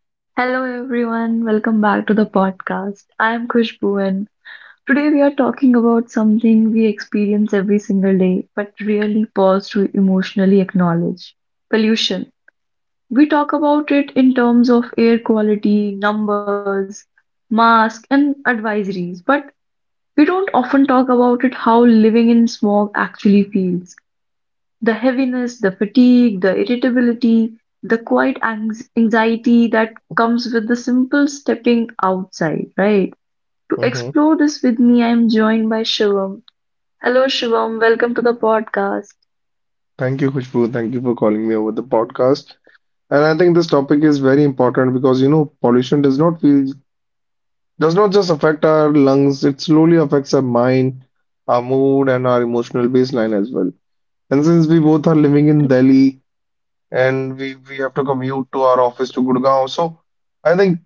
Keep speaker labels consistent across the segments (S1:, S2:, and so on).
S1: Hello everyone, welcome back to the podcast. I am Khushbu and today we are talking about something we experience every single day but rarely pause to emotionally acknowledge. Pollution. We talk about it in terms of air quality, numbers, masks and advisories, but we don't often talk about it how living in smog actually feels. The heaviness, the fatigue, the irritability, the quiet anxiety that comes with the simple stepping outside, right? To explore this with me, I am joined by Shivam. Hello, Shivam. Welcome to the podcast.
S2: Thank you, Khushbu. Thank you for calling me over the podcast. And I think this topic is very important because you know pollution does not just affect our lungs, it slowly affects our mind, our mood, and our emotional baseline as well. And since we both are living in
S1: Ex-
S2: Delhi and we have to commute to our office to Gurgaon, so I think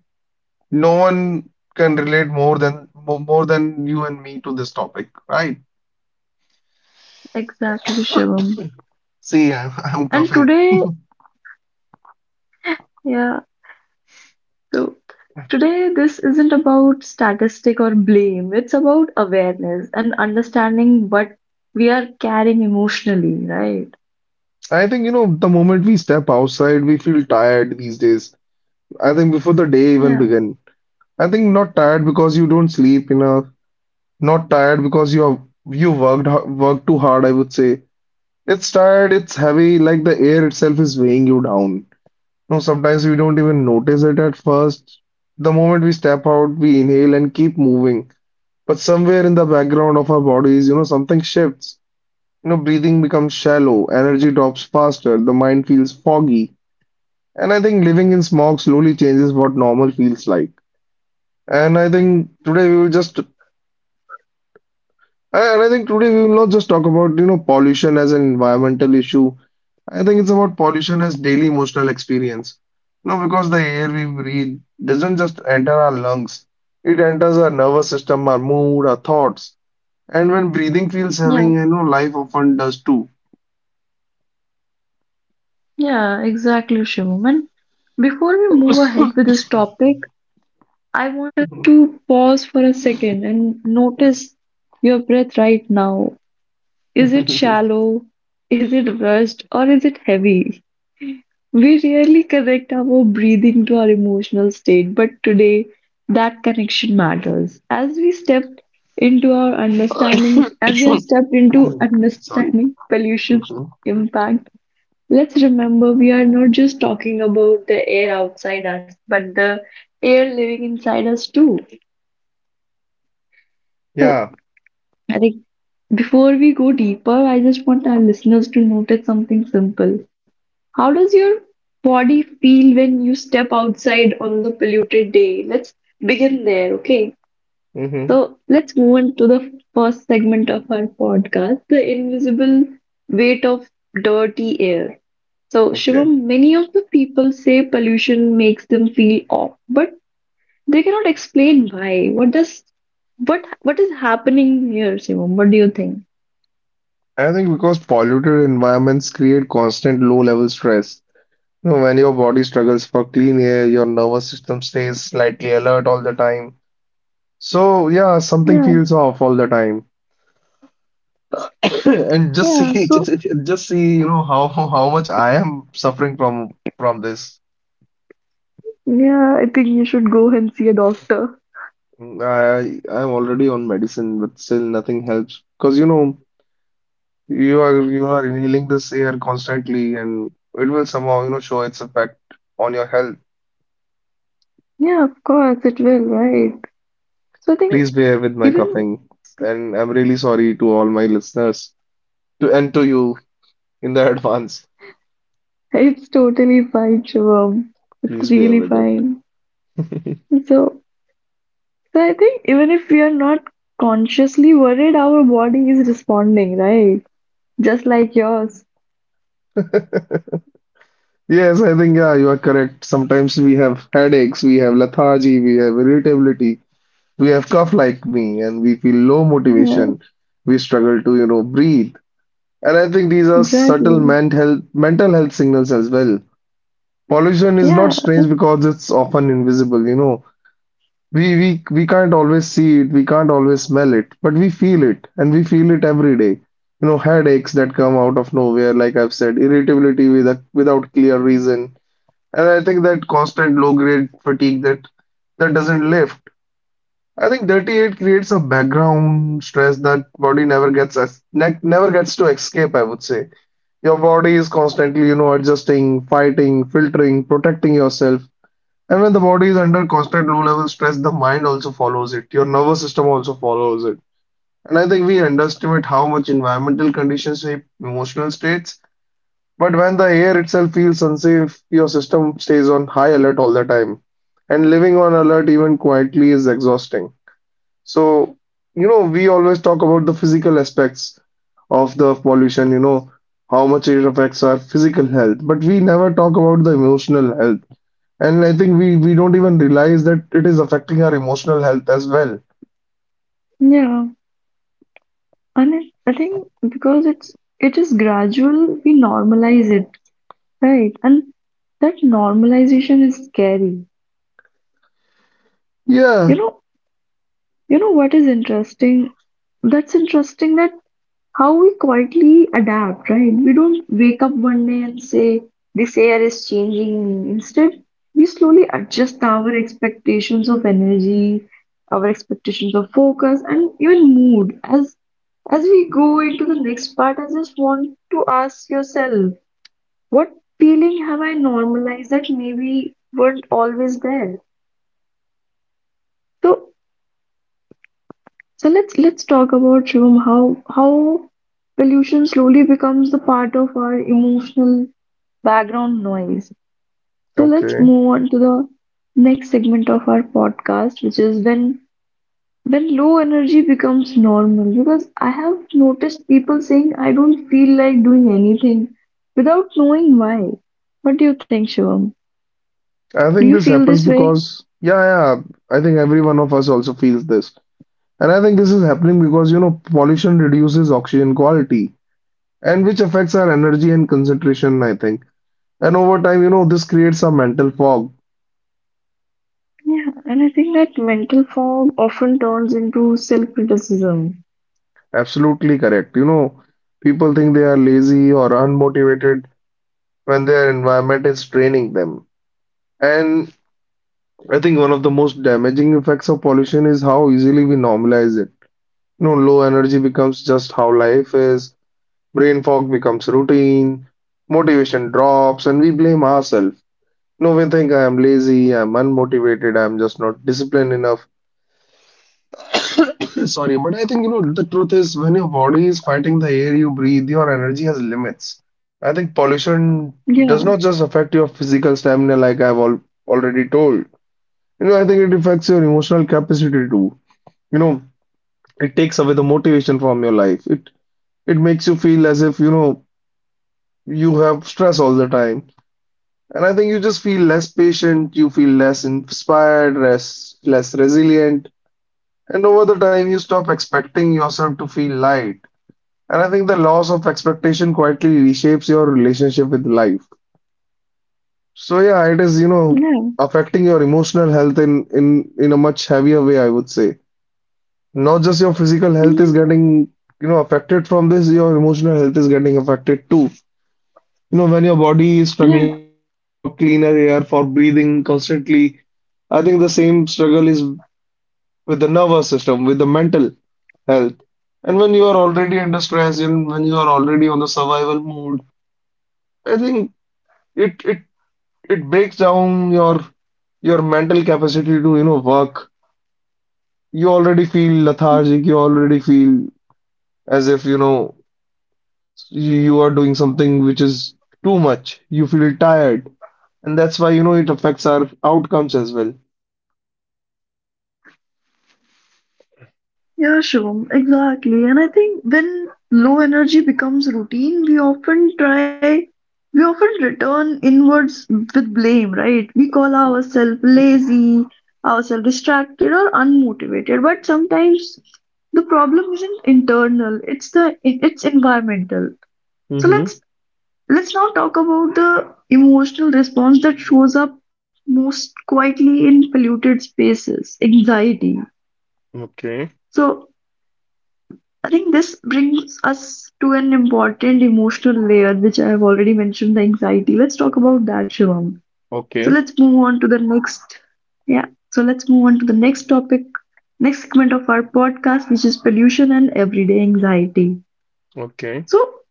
S2: no one can relate more than you and me to this topic, right?
S1: Exactly, Shivam.
S2: See, I'm
S1: And
S2: coughing.
S1: today, yeah, so today this isn't about statistic or blame. It's about awareness and understanding what we are carrying emotionally, right?
S2: I think, you know, the moment we step outside, we feel tired these days. I think before the day even
S1: Yeah.
S2: begin. I think not tired because you don't sleep enough, not tired because you worked worked too hard, I would say. It's tired, it's heavy, like the air itself is weighing you down. No, sometimes we don't even notice it at first. The moment we step out, we inhale and keep moving. But somewhere in the background of our bodies, you know, something shifts. You know, breathing becomes shallow, energy drops faster, the mind feels foggy. And I think living in smog slowly changes what normal feels like. And I think today we will just, and I think today we will not just talk about, you know, pollution as an environmental issue. I think it's about pollution as daily emotional experience. No, because the air we breathe doesn't just enter our lungs, it enters our nervous system, our mood, our thoughts. And when breathing feels heavy, you know, life often does too.
S1: Yeah, exactly, Shivam. And before we move ahead with this topic, I want us to pause for a second and notice your breath right now. Is it shallow? Is it rushed? Or is it heavy? We rarely connect our breathing to our emotional state, but today that connection matters. As we stepped into our understanding, as we have stepped into
S2: Sorry.
S1: understanding pollution's
S2: Mhm.
S1: impact, let's remember we are not just talking about the air outside us, but the air living inside us too. So,
S2: Yeah.
S1: I think before we go deeper, I just want our listeners to notice something simple. How does your body feel when you step outside on the polluted day? Let's begin there, okay?
S2: Mm-hmm.
S1: So let's move on to the first segment of our podcast, the invisible weight of dirty air. So,
S2: Okay.
S1: Shivam, many of the people say pollution makes them feel off, but they cannot explain why. What does what is happening here, Shivam? What do you think?
S2: I think because polluted environments create constant low-level stress. You know, when your body struggles for clean air, your nervous system stays slightly alert all the time. So yeah, something
S1: Yeah,
S2: feels off all the time. And just
S1: yeah.
S2: see,
S1: So,
S2: just see, you know how much I am suffering from this.
S1: yeah, I think you should go and see a doctor.
S2: I'm already on medicine, but still nothing helps because you know you are inhaling this air constantly, and it will somehow you know show its effect on your health.
S1: Yeah, of course, it will, right? So, I think
S2: Please bear with my
S1: even
S2: coughing, and I'm really sorry to all my listeners to and to you in the advance.
S1: it's totally fine, Shivam. It's
S2: Please bear
S1: really
S2: with
S1: fine.
S2: it.
S1: So, So I think even if we are not consciously worried, our body is responding, right? Just like yours.
S2: Yes, I think yeah, you are correct. Sometimes we have headaches, we have lethargy, we have irritability, we have cough like me, and we feel low
S1: Yeah,
S2: motivation. We struggle to, you know, breathe. And I think these are subtle
S1: exactly.
S2: mental health signals as well. Pollution is not
S1: Yeah,
S2: strange because it's often invisible, you know. We can't always see it, we can't always smell it, but we feel it, and we feel it every day. You know, headaches that come out of nowhere, like I've said, irritability without clear reason, and I think that constant low-grade fatigue that doesn't lift. I think 38 creates a background stress that body never gets as ne never gets to escape, I would say. Your body is constantly, you know, adjusting, fighting, filtering, protecting yourself, and when the body is under constant low level stress, the mind also follows it. Your nervous system also follows it. And I think we underestimate how much environmental conditions shape emotional states. But when the air itself feels unsafe, your system stays on high alert all the time. And living on alert even quietly is exhausting. So, you know, we always talk about the physical aspects of the pollution, you know, how much it affects our physical health. But we never talk about the emotional health and I think we don't even realize that it is affecting our emotional health as well.
S1: yeah. And it, I think because it is gradual, we normalize it, right? And that normalization is scary. You
S2: Yeah.
S1: know, you know what is interesting? That's interesting that how we quietly adapt, right? We don't wake up one day and say, this air is changing. Instead, we slowly adjust our expectations of energy, our expectations of focus, and even mood. As we go into the next part, I just want to ask yourself, what feeling have I normalized that maybe weren't always there? So So let's talk about Shivam how pollution slowly becomes the part of our emotional background noise. So let's
S2: Okay.
S1: move on to the next segment of our podcast, which is when low energy becomes normal. Because I have noticed people saying I don't feel like doing anything without knowing why. What do you think, Shivam?
S2: I
S1: Do
S2: think
S1: you
S2: this
S1: feel
S2: happens
S1: this way?
S2: because yeah, yeah. I think every one of us also feels this. And I think this is happening because you know pollution reduces oxygen quality and which affects our energy and concentration, I think. And over time, you know, this creates a mental fog.
S1: Yeah, and I think that mental fog often turns into self-criticism.
S2: Absolutely correct. You know, people think they are lazy or unmotivated when their environment is draining them. And I think one of the most damaging effects of pollution is how easily we normalize it. You know, low energy becomes just how life is, brain fog becomes routine, motivation drops, and we blame ourselves. No, we think I am lazy, I'm unmotivated, I'm just not disciplined enough. Sorry, but I think you know the truth is when your body is fighting the air you breathe, your energy has limits. I think pollution
S1: Yeah,
S2: does not just affect your physical stamina, like I've al already told. You know, I think it affects your emotional capacity too. You know, it takes away the motivation from your life. It it makes you feel as if you know you have stress all the time, and I think you just feel less patient, you feel less inspired, less resilient, and over the time you stop expecting yourself to feel light. And I think the loss of expectation quietly reshapes your relationship with life. So yeah, it is you know
S1: yeah.
S2: affecting your emotional health in in in a much heavier way I would say. Not just your physical health is
S1: Yeah,
S2: getting, you know, affected from this, your emotional health is getting affected too. You know, when your body is
S1: yeah,
S2: struggling for cleaner air, for breathing constantly, I think the same struggle is with the nervous system, with the mental health. And when you are already under stress and when you are already on the survival mode, I think it it it breaks down your mental capacity to, you know, work. You already feel lethargic, you already feel as if, you know, you are doing something which is too much. You feel tired, and that's why you know it affects our outcomes as well.
S1: yeah, Shivam, exactly. And I think when low energy becomes routine, we often return inwards with blame, right? We call ourselves lazy, ourselves distracted, or unmotivated. But sometimes the problem isn't internal, it's environmental. So
S2: Mm-hmm.
S1: let's now talk about the emotional response that shows up most quietly in polluted spaces, anxiety.
S2: Okay.
S1: So I think this brings us to an important emotional layer, which I have already mentioned, the anxiety. Let's talk about that, Shivam. So
S2: Okay.
S1: let's move on to the next. Yeah. So let's move on to the next topic, next segment of our podcast, which is pollution and everyday anxiety.
S2: Okay.
S1: So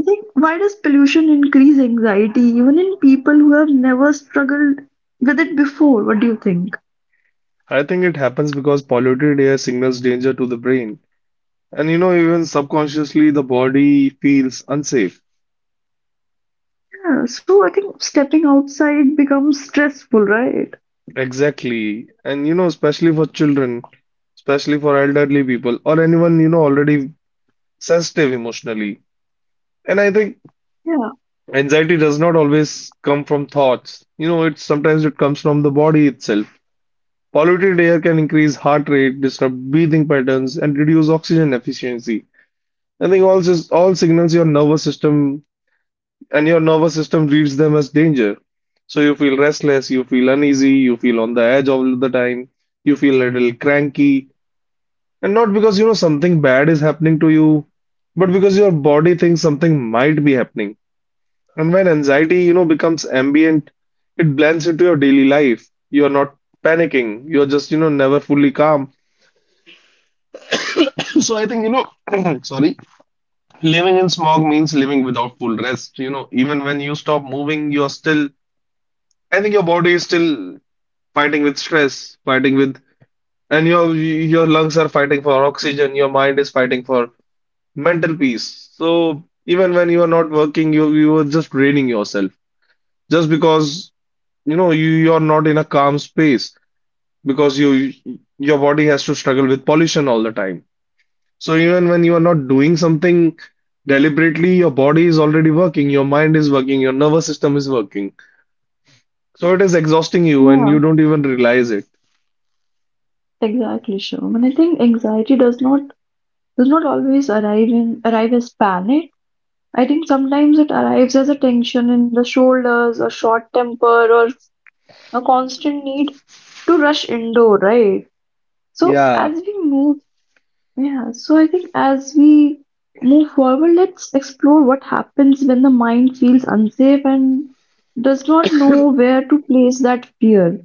S1: I think why does pollution increase anxiety even in people who have never struggled with it before? What do you think?
S2: I think it happens because polluted air signals danger to the brain. And you know, even subconsciously, the body feels unsafe.
S1: Yeah. So I think stepping outside becomes stressful, right?
S2: Exactly. And you know, especially for children, especially for elderly people, or anyone, you know, already sensitive emotionally. And I think
S1: Yeah.
S2: anxiety does not always come from thoughts. You know, it sometimes it comes from the body itself. Polluted air can increase heart rate, disrupt breathing patterns, and reduce oxygen efficiency. I think all signals your nervous system, and your nervous system reads them as danger. So you feel restless, you feel uneasy, you feel on the edge all the time, you feel a little cranky, and not because you know something bad is happening to you, but because your body thinks something might be happening. And when anxiety, you know, becomes ambient, it blends into your daily life. You're not panicking. You're just, you know, never fully calm. So I think, you know, sorry, living in smog means living without full rest. You know, even when you stop moving, you're still, I think your body is still fighting with stress, fighting with, and your lungs are fighting for oxygen. Your mind is fighting for mental peace. So even when you are not working, you are just draining yourself just because, you know, you're not in a calm space. Because you Your body has to struggle with pollution all the time. So even when you are not doing something deliberately, your body is already working, your mind is working, your nervous system is working. So it is exhausting you and you
S1: Yeah.
S2: don't even realize it.
S1: Exactly, Shivam. And I think anxiety does not always arrive as panic. I think sometimes it arrives as a tension in the shoulders, a short temper, or a constant need to rush indoor, right? So
S2: Yeah.
S1: as we move, yeah. So I think as we move forward, let's explore what happens when the mind feels unsafe and does not know where to place that fear.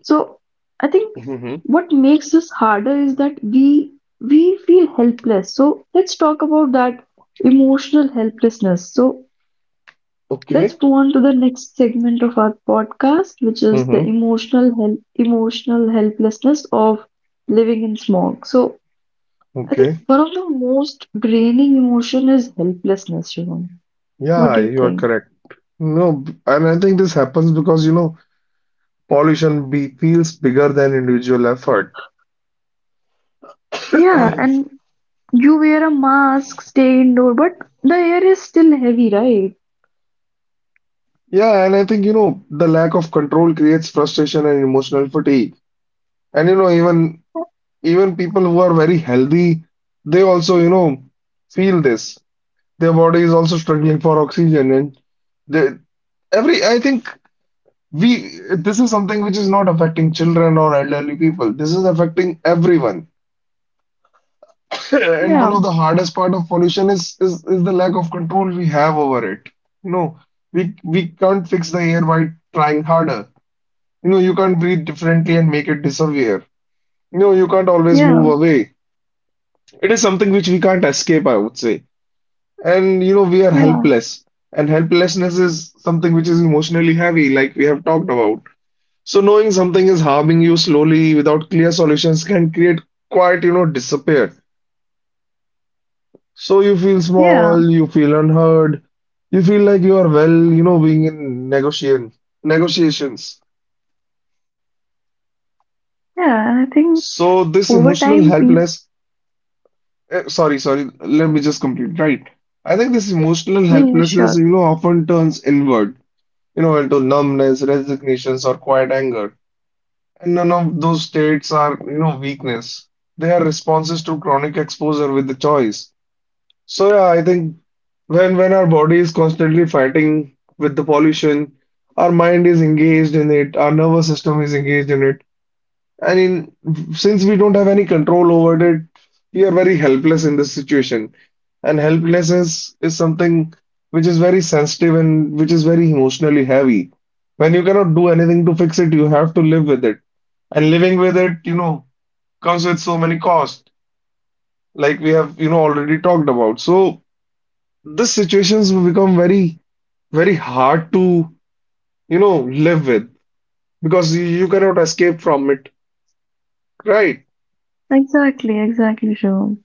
S1: So I think
S2: Mm-hmm.
S1: what makes this harder is that we feel helpless. So let's talk about that emotional helplessness. So
S2: Okay.
S1: let's move on to the next segment of our podcast, which is the
S2: Mm-hmm.
S1: emotional helplessness of living in smog. So I think
S2: Okay.
S1: one of the most draining emotion is helplessness, you know. What
S2: Yeah,
S1: do you
S2: you are
S1: think?
S2: correct. No, b- and I think this happens because, you know, pollution be feels bigger than individual effort.
S1: Yeah, and you wear a mask, stay indoor, but the air is still heavy, right?
S2: Yeah, and I think, you know, the lack of control creates frustration and emotional fatigue. And you know, even people who are very healthy, they also, you know, feel this. Their body is also struggling for oxygen and they, every I think we this is something which is not affecting children or elderly people. This is affecting everyone. And one
S1: Yeah.
S2: of the hardest part of pollution is the lack of control we have over it. You know, we can't fix the air by trying harder. You know, you can't breathe differently and make it disappear. You know, you can't always
S1: Yeah,
S2: move away. It is something which we can't escape, I would say. And you know, we are
S1: yeah,
S2: helpless. And helplessness is something which is emotionally heavy, like we have talked about. So knowing something is harming you slowly without clear solutions can create quite, you know, despair. So you feel
S1: yeah,
S2: small, you feel unheard, you feel like you are well, you know, being in negotiations.
S1: yeah. And I think
S2: So this
S1: over time,
S2: emotional
S1: people,
S2: helpless, eh, sorry, sorry, let me just complete, right? I think this emotional
S1: yeah, yeah,
S2: helplessness,
S1: sure,
S2: you know, often turns inward, you know, into numbness, resignations, or quiet anger. And none of those states are, weakness. They are responses to chronic exposure with the choice. So yeah, I think when our body is constantly fighting with the pollution, our mind is engaged in it, our nervous system is engaged in it. I mean, since we don't have any control over it, we are very helpless in this situation. And helplessness is something which is very sensitive and which is very emotionally heavy. When you cannot do anything to fix it, you have to live with it. And living with it, comes with so many costs, like we have already talked about. So these situations will become very, very hard to, live with because you cannot escape from it. Right.
S1: exactly, exactly, sure.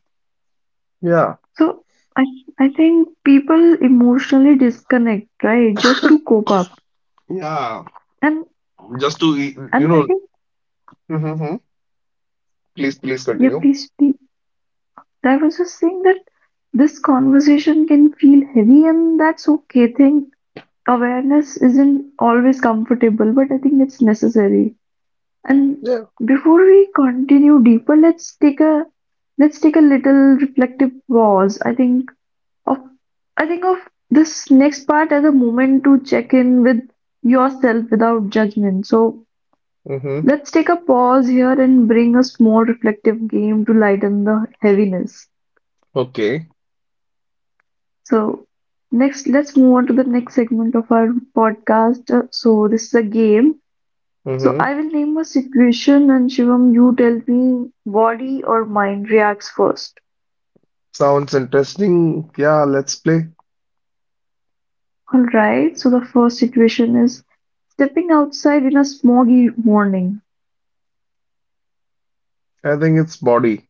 S2: Yeah.
S1: So I, I think people emotionally disconnect, right, just to cope up.
S2: Yeah.
S1: And
S2: Just to,
S1: and I think,
S2: Mm-hmm. Please, please
S1: yeah,
S2: continue.
S1: please, please. I was just saying that this conversation can feel heavy, and that's okay. I think awareness isn't always comfortable, but I think it's necessary. And
S2: Yeah.
S1: before we continue deeper, let's take a little reflective pause. Of I think of this next part as a moment to check in with yourself without judgment. So
S2: Mm-hmm.
S1: let's take a pause here and bring a small reflective game to lighten the heaviness.
S2: Okay.
S1: So next, let's move on to the next segment of our podcast. So this is a game. So
S2: Mm-hmm.
S1: I will name a situation and Shivam, you tell me body or mind reacts first.
S2: Sounds interesting. Yeah, let's play.
S1: Alright, so the first situation is stepping outside in a smoggy morning.
S2: I think it's body.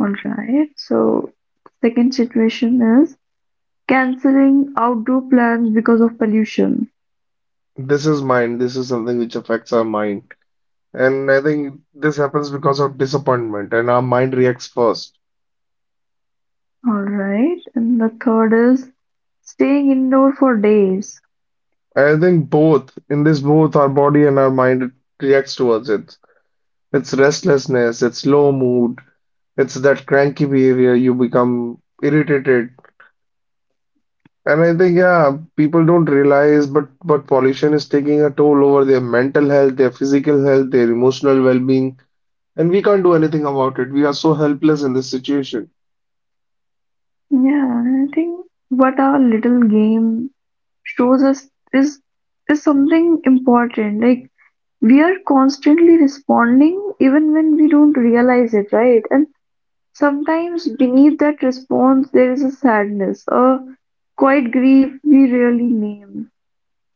S1: Alright, so second situation is canceling outdoor plans because of pollution.
S2: This is mind. This is something which affects our mind. And I think this happens because of disappointment, and our mind reacts first.
S1: Alright, and the third is staying indoor for days.
S2: I think both, in this both, our body and our mind reacts towards it. It's restlessness, it's low mood, it's that cranky behavior, you become irritated. And I think, yeah, people don't realize, but pollution is taking a toll over their mental health, their physical health, their emotional well-being, and we can't do anything about it. We are so helpless in this situation.
S1: Yeah, I think what our little game shows us is is something important. Like, we're constantly responding even when we don't realize it, right? And sometimes beneath that response, there is a sadness, a quiet grief we rarely name.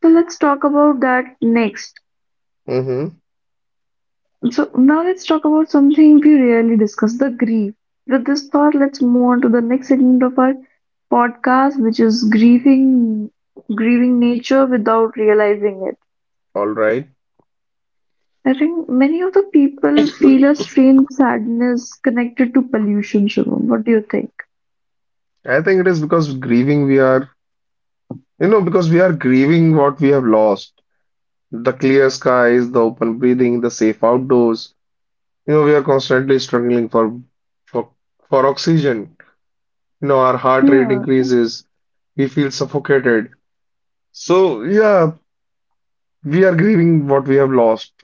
S1: So let's talk about that next.
S2: Mm-hmm.
S1: So now let's talk about something we rarely discuss, the grief. With this thought, let's move on to the next segment of our podcast, which is grieving nature without realizing it.
S2: All right.
S1: I think many of the people feel a strange sadness connected to pollution, Shivam. What do you think?
S2: I think it is because grieving we are, because we are grieving what we have lost. The clear skies, the open breathing, the safe outdoors. You know, we are constantly struggling for for oxygen, you know, our heart rate
S1: Yeah,
S2: increases, we feel suffocated. So, yeah, we are grieving what we have lost.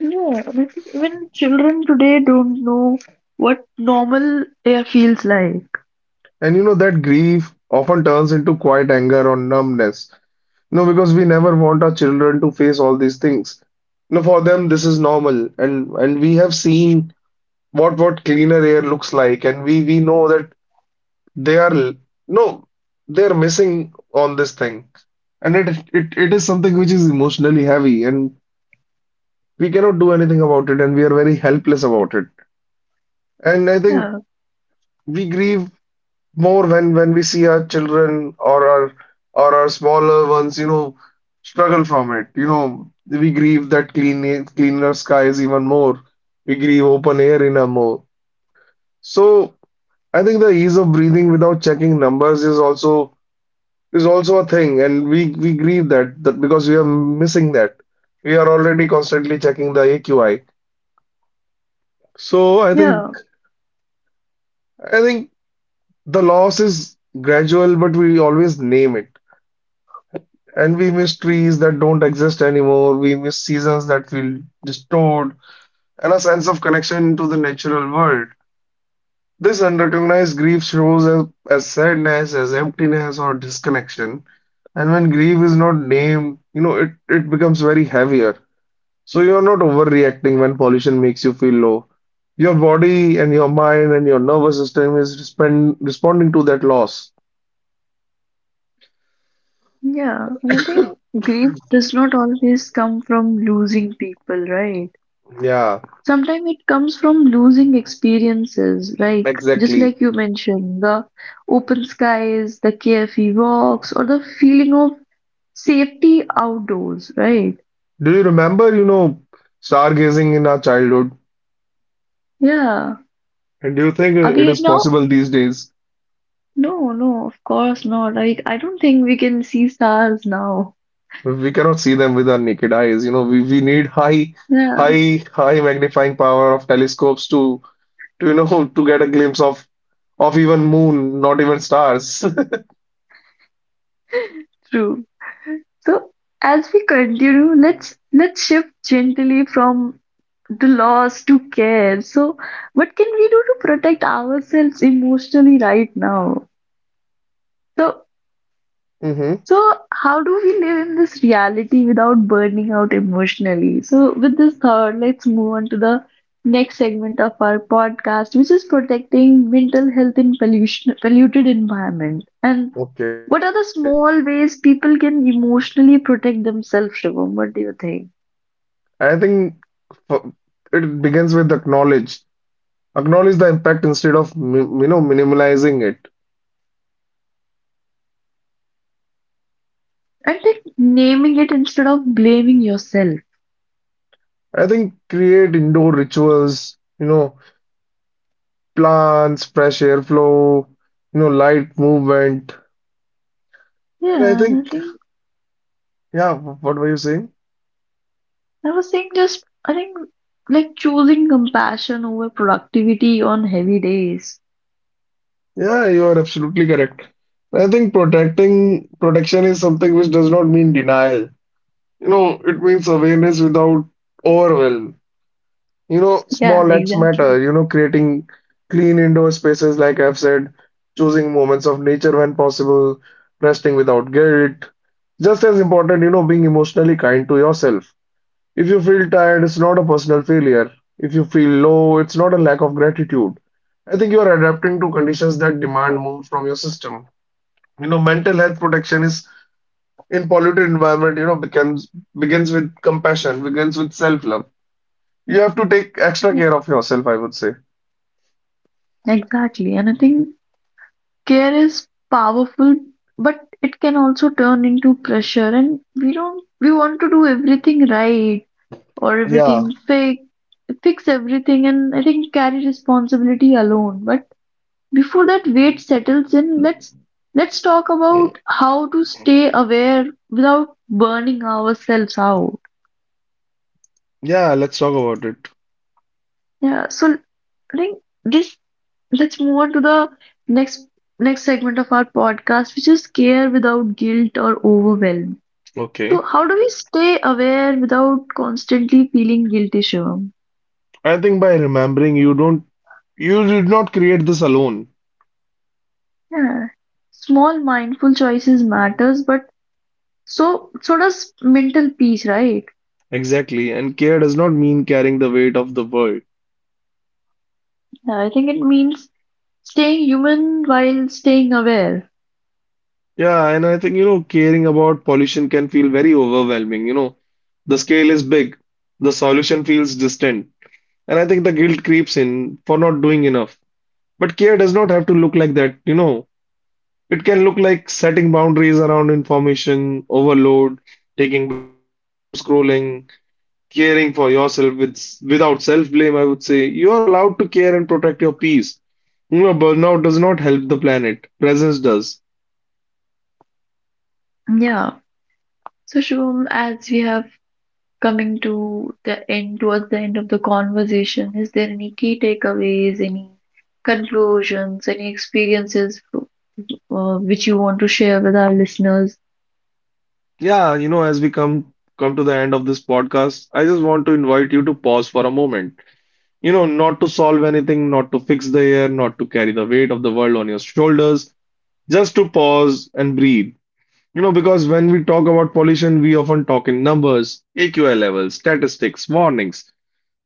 S1: yeah. I mean, even children today don't know what normal air feels like.
S2: And you know, that grief often turns into quiet anger or numbness. You know, because we never want our children to face all these things. You know, for them this is normal and we have seen what cleaner air looks like and we know that they are l- no they're missing on this thing. And it is something which is emotionally heavy and we cannot do anything about it and we are very helpless about it and I think
S1: Yeah,
S2: we grieve more when we see our children or our smaller ones, you know, struggle from it. You know, we grieve that cleaner skies even more. We grieve open air in a more. So I think the ease of breathing without checking numbers is also a thing and we grieve that because we are missing that. We are already constantly checking the aqi. So i
S1: yeah,
S2: think I think the loss is gradual, but we always name it. And we miss trees that don't exist anymore. We miss seasons that feel distorted, and a sense of connection to the natural world. This unrecognized grief shows as sadness, as emptiness, or disconnection. And when grief is not named, you know, it becomes very heavier. So you're not overreacting when pollution makes you feel low. Your body and your mind and your nervous system is responding to that loss.
S1: yeah. And I think grief does not always come from losing people, right?
S2: Yeah,
S1: Sometimes it comes from losing experiences, just
S2: exactly.
S1: like you mentioned, the open skies, the carefree walks, or the feeling of safety outdoors, right?
S2: Do you remember, you know, stargazing in our childhood?
S1: Yeah.
S2: And do you think
S1: Are
S2: it
S1: we
S2: is
S1: now?
S2: possible these days?
S1: No, no, of course not. Like, I don't think we can see stars now.
S2: We cannot see them with our naked eyes. You know, we need
S1: Yeah,
S2: high magnifying power of telescopes to, you know, to get a glimpse of even moon, not even stars.
S1: true. So, as we continue, let's shift gently from the loss to care. So, what can we do to protect ourselves emotionally right now? So,
S2: Hmm.
S1: so, how do we live in this reality without burning out emotionally? So, with this thought, let's move on to the next segment of our podcast, which is protecting mental health in polluted environment. And
S2: Okay.
S1: what are the small ways people can emotionally protect themselves, Shivam? What do you think?
S2: I think f- it begins with acknowledge. Acknowledge the impact instead of you know minimalizing it.
S1: I think naming it instead of blaming yourself.
S2: I think create indoor rituals, you know, plants, fresh airflow, you know, light movement. And I
S1: Yeah, and
S2: think,
S1: I think
S2: yeah, what were you saying?
S1: I was saying just I think like choosing compassion over productivity on heavy days.
S2: Yeah, you are absolutely correct. I think protecting protection is something which does not mean denial. You know, it means awareness without overwhelm. You know,
S1: Yeah,
S2: small acts matter.
S1: exactly.
S2: You know, creating clean indoor spaces, like I've said, choosing moments of nature when possible, resting without guilt. Just as important, you know, being emotionally kind to yourself. If you feel tired, it's not a personal failure. If you feel low, it's not a lack of gratitude. I think you are adapting to conditions that demand moves from your system. You know, mental health protection is in polluted environment, you know, becomes begins with compassion, begins with self-love. You have to take extra care of yourself, I would say.
S1: Exactly. And I think care is powerful, but it can also turn into pressure. And we don't, we want to do everything right or
S2: Yeah,
S1: everything fake, fix everything. And I think carry responsibility alone. But before that weight settles in, let's talk about how to stay aware without burning ourselves out.
S2: yeah, let's talk about it.
S1: Yeah. So I think this let's move on to the next next segment of our podcast, which is care without guilt or overwhelm. So,
S2: Okay.
S1: how do we stay aware without constantly feeling guilty, Shivam?
S2: I think by remembering you don't you did not create this alone.
S1: Yeah. Small mindful choices matters, but so does mental peace, right?
S2: Exactly. And care does not mean carrying the weight of the world.
S1: Yeah, I think it means staying human while staying aware.
S2: Yeah, and I think, you know, caring about pollution can feel very overwhelming. You know, the scale is big, the solution feels distant, and I think the guilt creeps in for not doing enough. But care does not have to look like that, you know. It can look like setting boundaries around information, overload, taking breaks from doom scrolling, caring for yourself without self-blame, I would say. You are allowed to care and protect your peace. You know, burnout does not help the planet, presence does.
S1: Yeah. So, Shivam, as we have coming to the end, towards the end of the conversation, is there any key takeaways, any conclusions, any experiences, which you want to share with our listeners?
S2: Yeah, you know, as we come to the end of this podcast, I just want to invite you to pause for a moment. You know, not to solve anything, not to fix the air, not to carry the weight of the world on your shoulders, just to pause and breathe. You know, because when we talk about pollution, we often talk in numbers, AQI levels, statistics, warnings,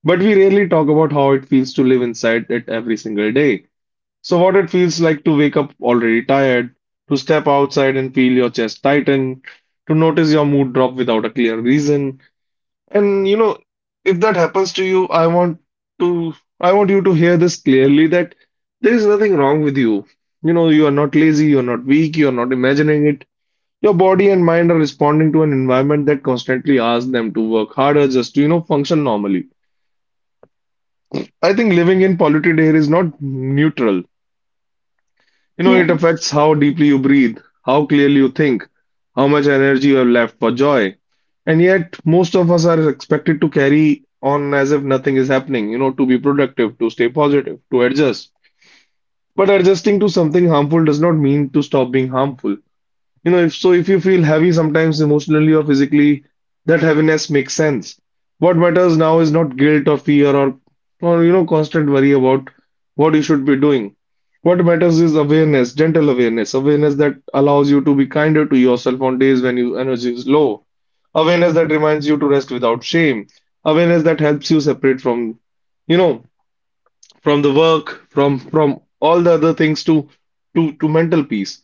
S2: but we rarely talk about how it feels to live inside it every single day. So, what it feels like to wake up already tired, to step outside and feel your chest tighten, to notice your mood drop without a clear reason. And you know, if that happens to you, I want you to hear this clearly that there is nothing wrong with you. You know, you are not lazy, you are not weak, you are not imagining it. Your body and mind are responding to an environment that constantly asks them to work harder just to, you know, function normally. I think living in polluted air is not neutral. You know,
S1: Yeah,
S2: it affects how deeply you breathe, how clearly you think, how much energy you have left for joy. And yet, most of us are expected to carry on as if nothing is happening, you know, to be productive, to stay positive, to adjust. But adjusting to something harmful does not mean to stop being harmful. You know, if you feel heavy sometimes emotionally or physically, that heaviness makes sense. What matters now is not guilt or fear or you know, constant worry about what you should be doing. What matters is awareness, gentle awareness, awareness that allows you to be kinder to yourself on days when your energy is low, awareness that reminds you to rest without shame, awareness that helps you separate from, you know, from the work, from all the other things to mental peace.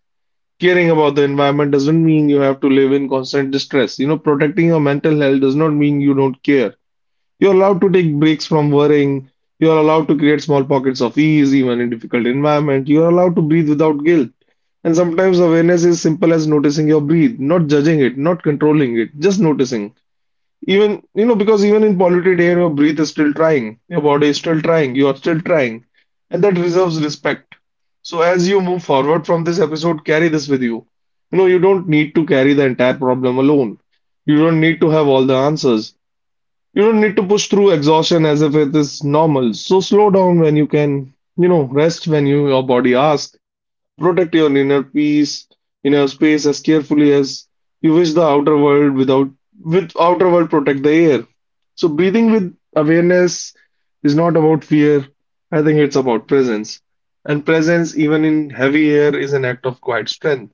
S2: Caring about the environment doesn't mean you have to live in constant distress. You know, protecting your mental health does not mean you don't care. You're allowed to take breaks from worrying. You're allowed to create small pockets of ease, even in difficult environment. You're allowed to breathe without guilt. And sometimes awareness is simple as noticing your breath, not judging it, not controlling it, just noticing. Even, you know, because even in polluted air, your breath is still trying, your body is still trying, you are still trying, and that deserves respect. So as you move forward from this episode, carry this with you. You know, you don't need to carry the entire problem alone. You don't need to have all the answers. You don't need to push through exhaustion as if it is normal. So slow down when you can, you know, rest when you your body asks. Protect your inner peace, inner space as carefully as you wish the outer world without with outer world protect the air. So breathing with awareness is not about fear. I think it's about presence. And presence, even in heavy air, is an act of quiet strength.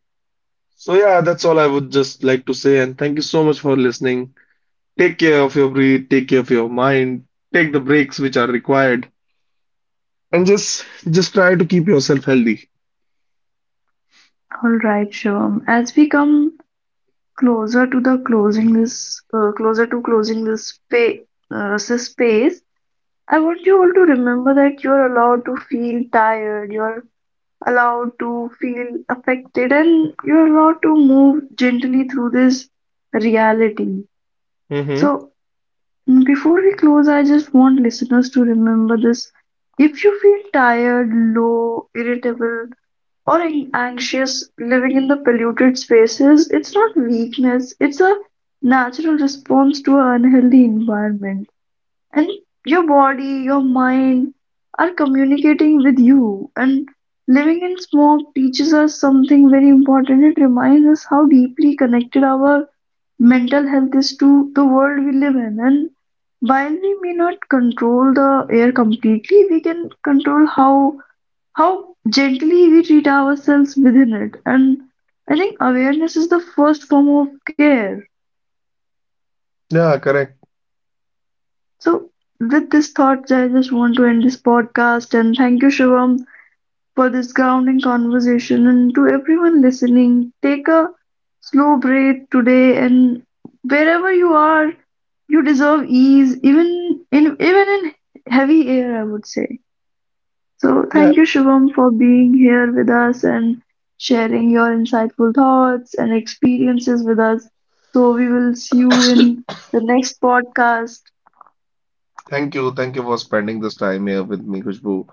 S2: So yeah, that's all I would just like to say. And thank you so much for listening. Take care of your breath, take care of your mind, take the breaks which are required, and just try to keep yourself healthy.
S1: all right, Shivam. As we come closer to the closer to closing this fa this space, I want you all to remember that you're allowed to feel tired, you're allowed to feel affected, and you're allowed to move gently through this reality.
S2: Mm-hmm.
S1: So, before we close, I just want listeners to remember this. If you feel tired, low, irritable, or anxious living in the polluted spaces, it's not weakness, it's a natural response to an unhealthy environment, and your body, your mind are communicating with you. And living in smoke teaches us something very important. It reminds us how deeply connected our mental health is to the world we live in. And while we may not control the air completely, we can control how gently we treat ourselves within it. And I think awareness is the first form of care.
S2: Yeah, correct.
S1: So, with this thought, I just want to end this podcast and thank you, Shivam, for this grounding conversation. And to everyone listening, take a slow breath today and wherever you are, you deserve ease, even in heavy air, I would say. So
S2: Yeah.
S1: thank you, Shivam, for being here with us and sharing your insightful thoughts and experiences with us. So we will see you in the next podcast.
S2: Thank you. Thank you for spending this time here with me, Khushbu.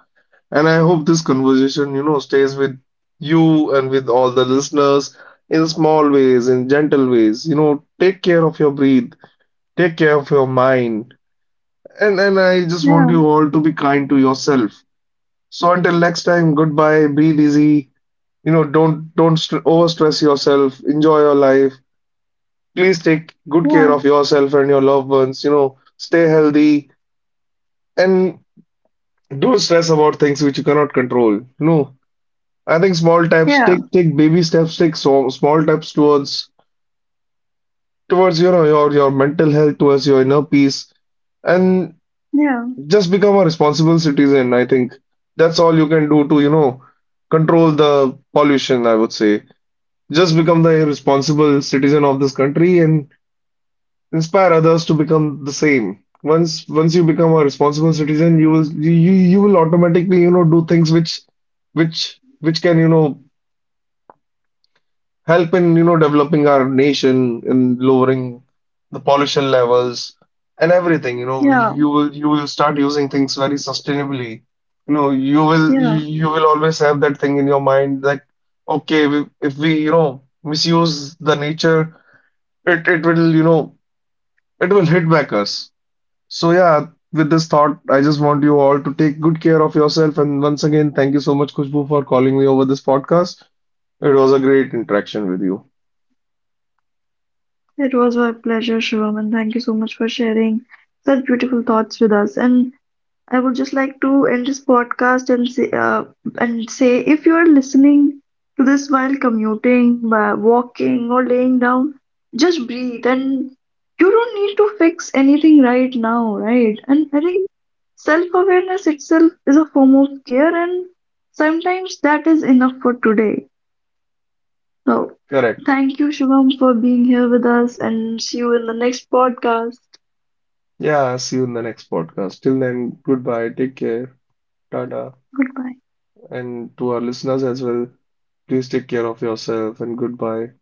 S2: And I hope this conversation, you know, stays with you and with all the listeners in small ways, in gentle ways. You know, take care of your breath, take care of your mind. And I just want
S1: Yeah,
S2: you all to be kind to yourself. So until next time, goodbye, breathe easy. You know, don't st overstress yourself. Enjoy your life. Please take good
S1: yeah,
S2: care of yourself and your loved ones. You know, stay healthy. And don't stress about things which you cannot control. No, I think small steps.
S1: yeah.
S2: Take baby steps. Take so small steps towards your mental health, towards your inner peace, and
S1: Yeah,
S2: just become a responsible citizen. I think that's all you can do to you know control the pollution. I would say just become the responsible citizen of this country and inspire others to become the same. Once you become a responsible citizen, you will automatically, you know, do things which which can, you know, help in, you know, developing our nation in lowering the pollution levels and everything. You know,
S1: yeah,
S2: you will start using things very sustainably. You know,
S1: yeah.
S2: you will always have that thing in your mind that okay, if we, you know, misuse the nature, it will, you know, it will hit back us. So, yeah, with this thought, I just want you all to take good care of yourself. And once again, thank you so much, Khushbu, for calling me over this podcast. It was a great interaction with you.
S1: It was my pleasure, Shivam, and thank you so much for sharing such beautiful thoughts with us. And I would just like to end this podcast and say, if you are listening to this while commuting, by walking, or laying down, just breathe. And you don't need to fix anything right now, right? And I think self-awareness itself is a form of care, and sometimes that is enough for today. So,
S2: Correct.
S1: thank you, Shubham, for being here with us, and see you in the next podcast.
S2: Yeah, see you in the next podcast. Till then, goodbye, take care, tada.
S1: Goodbye.
S2: And to our listeners as well, please take care of yourself and goodbye.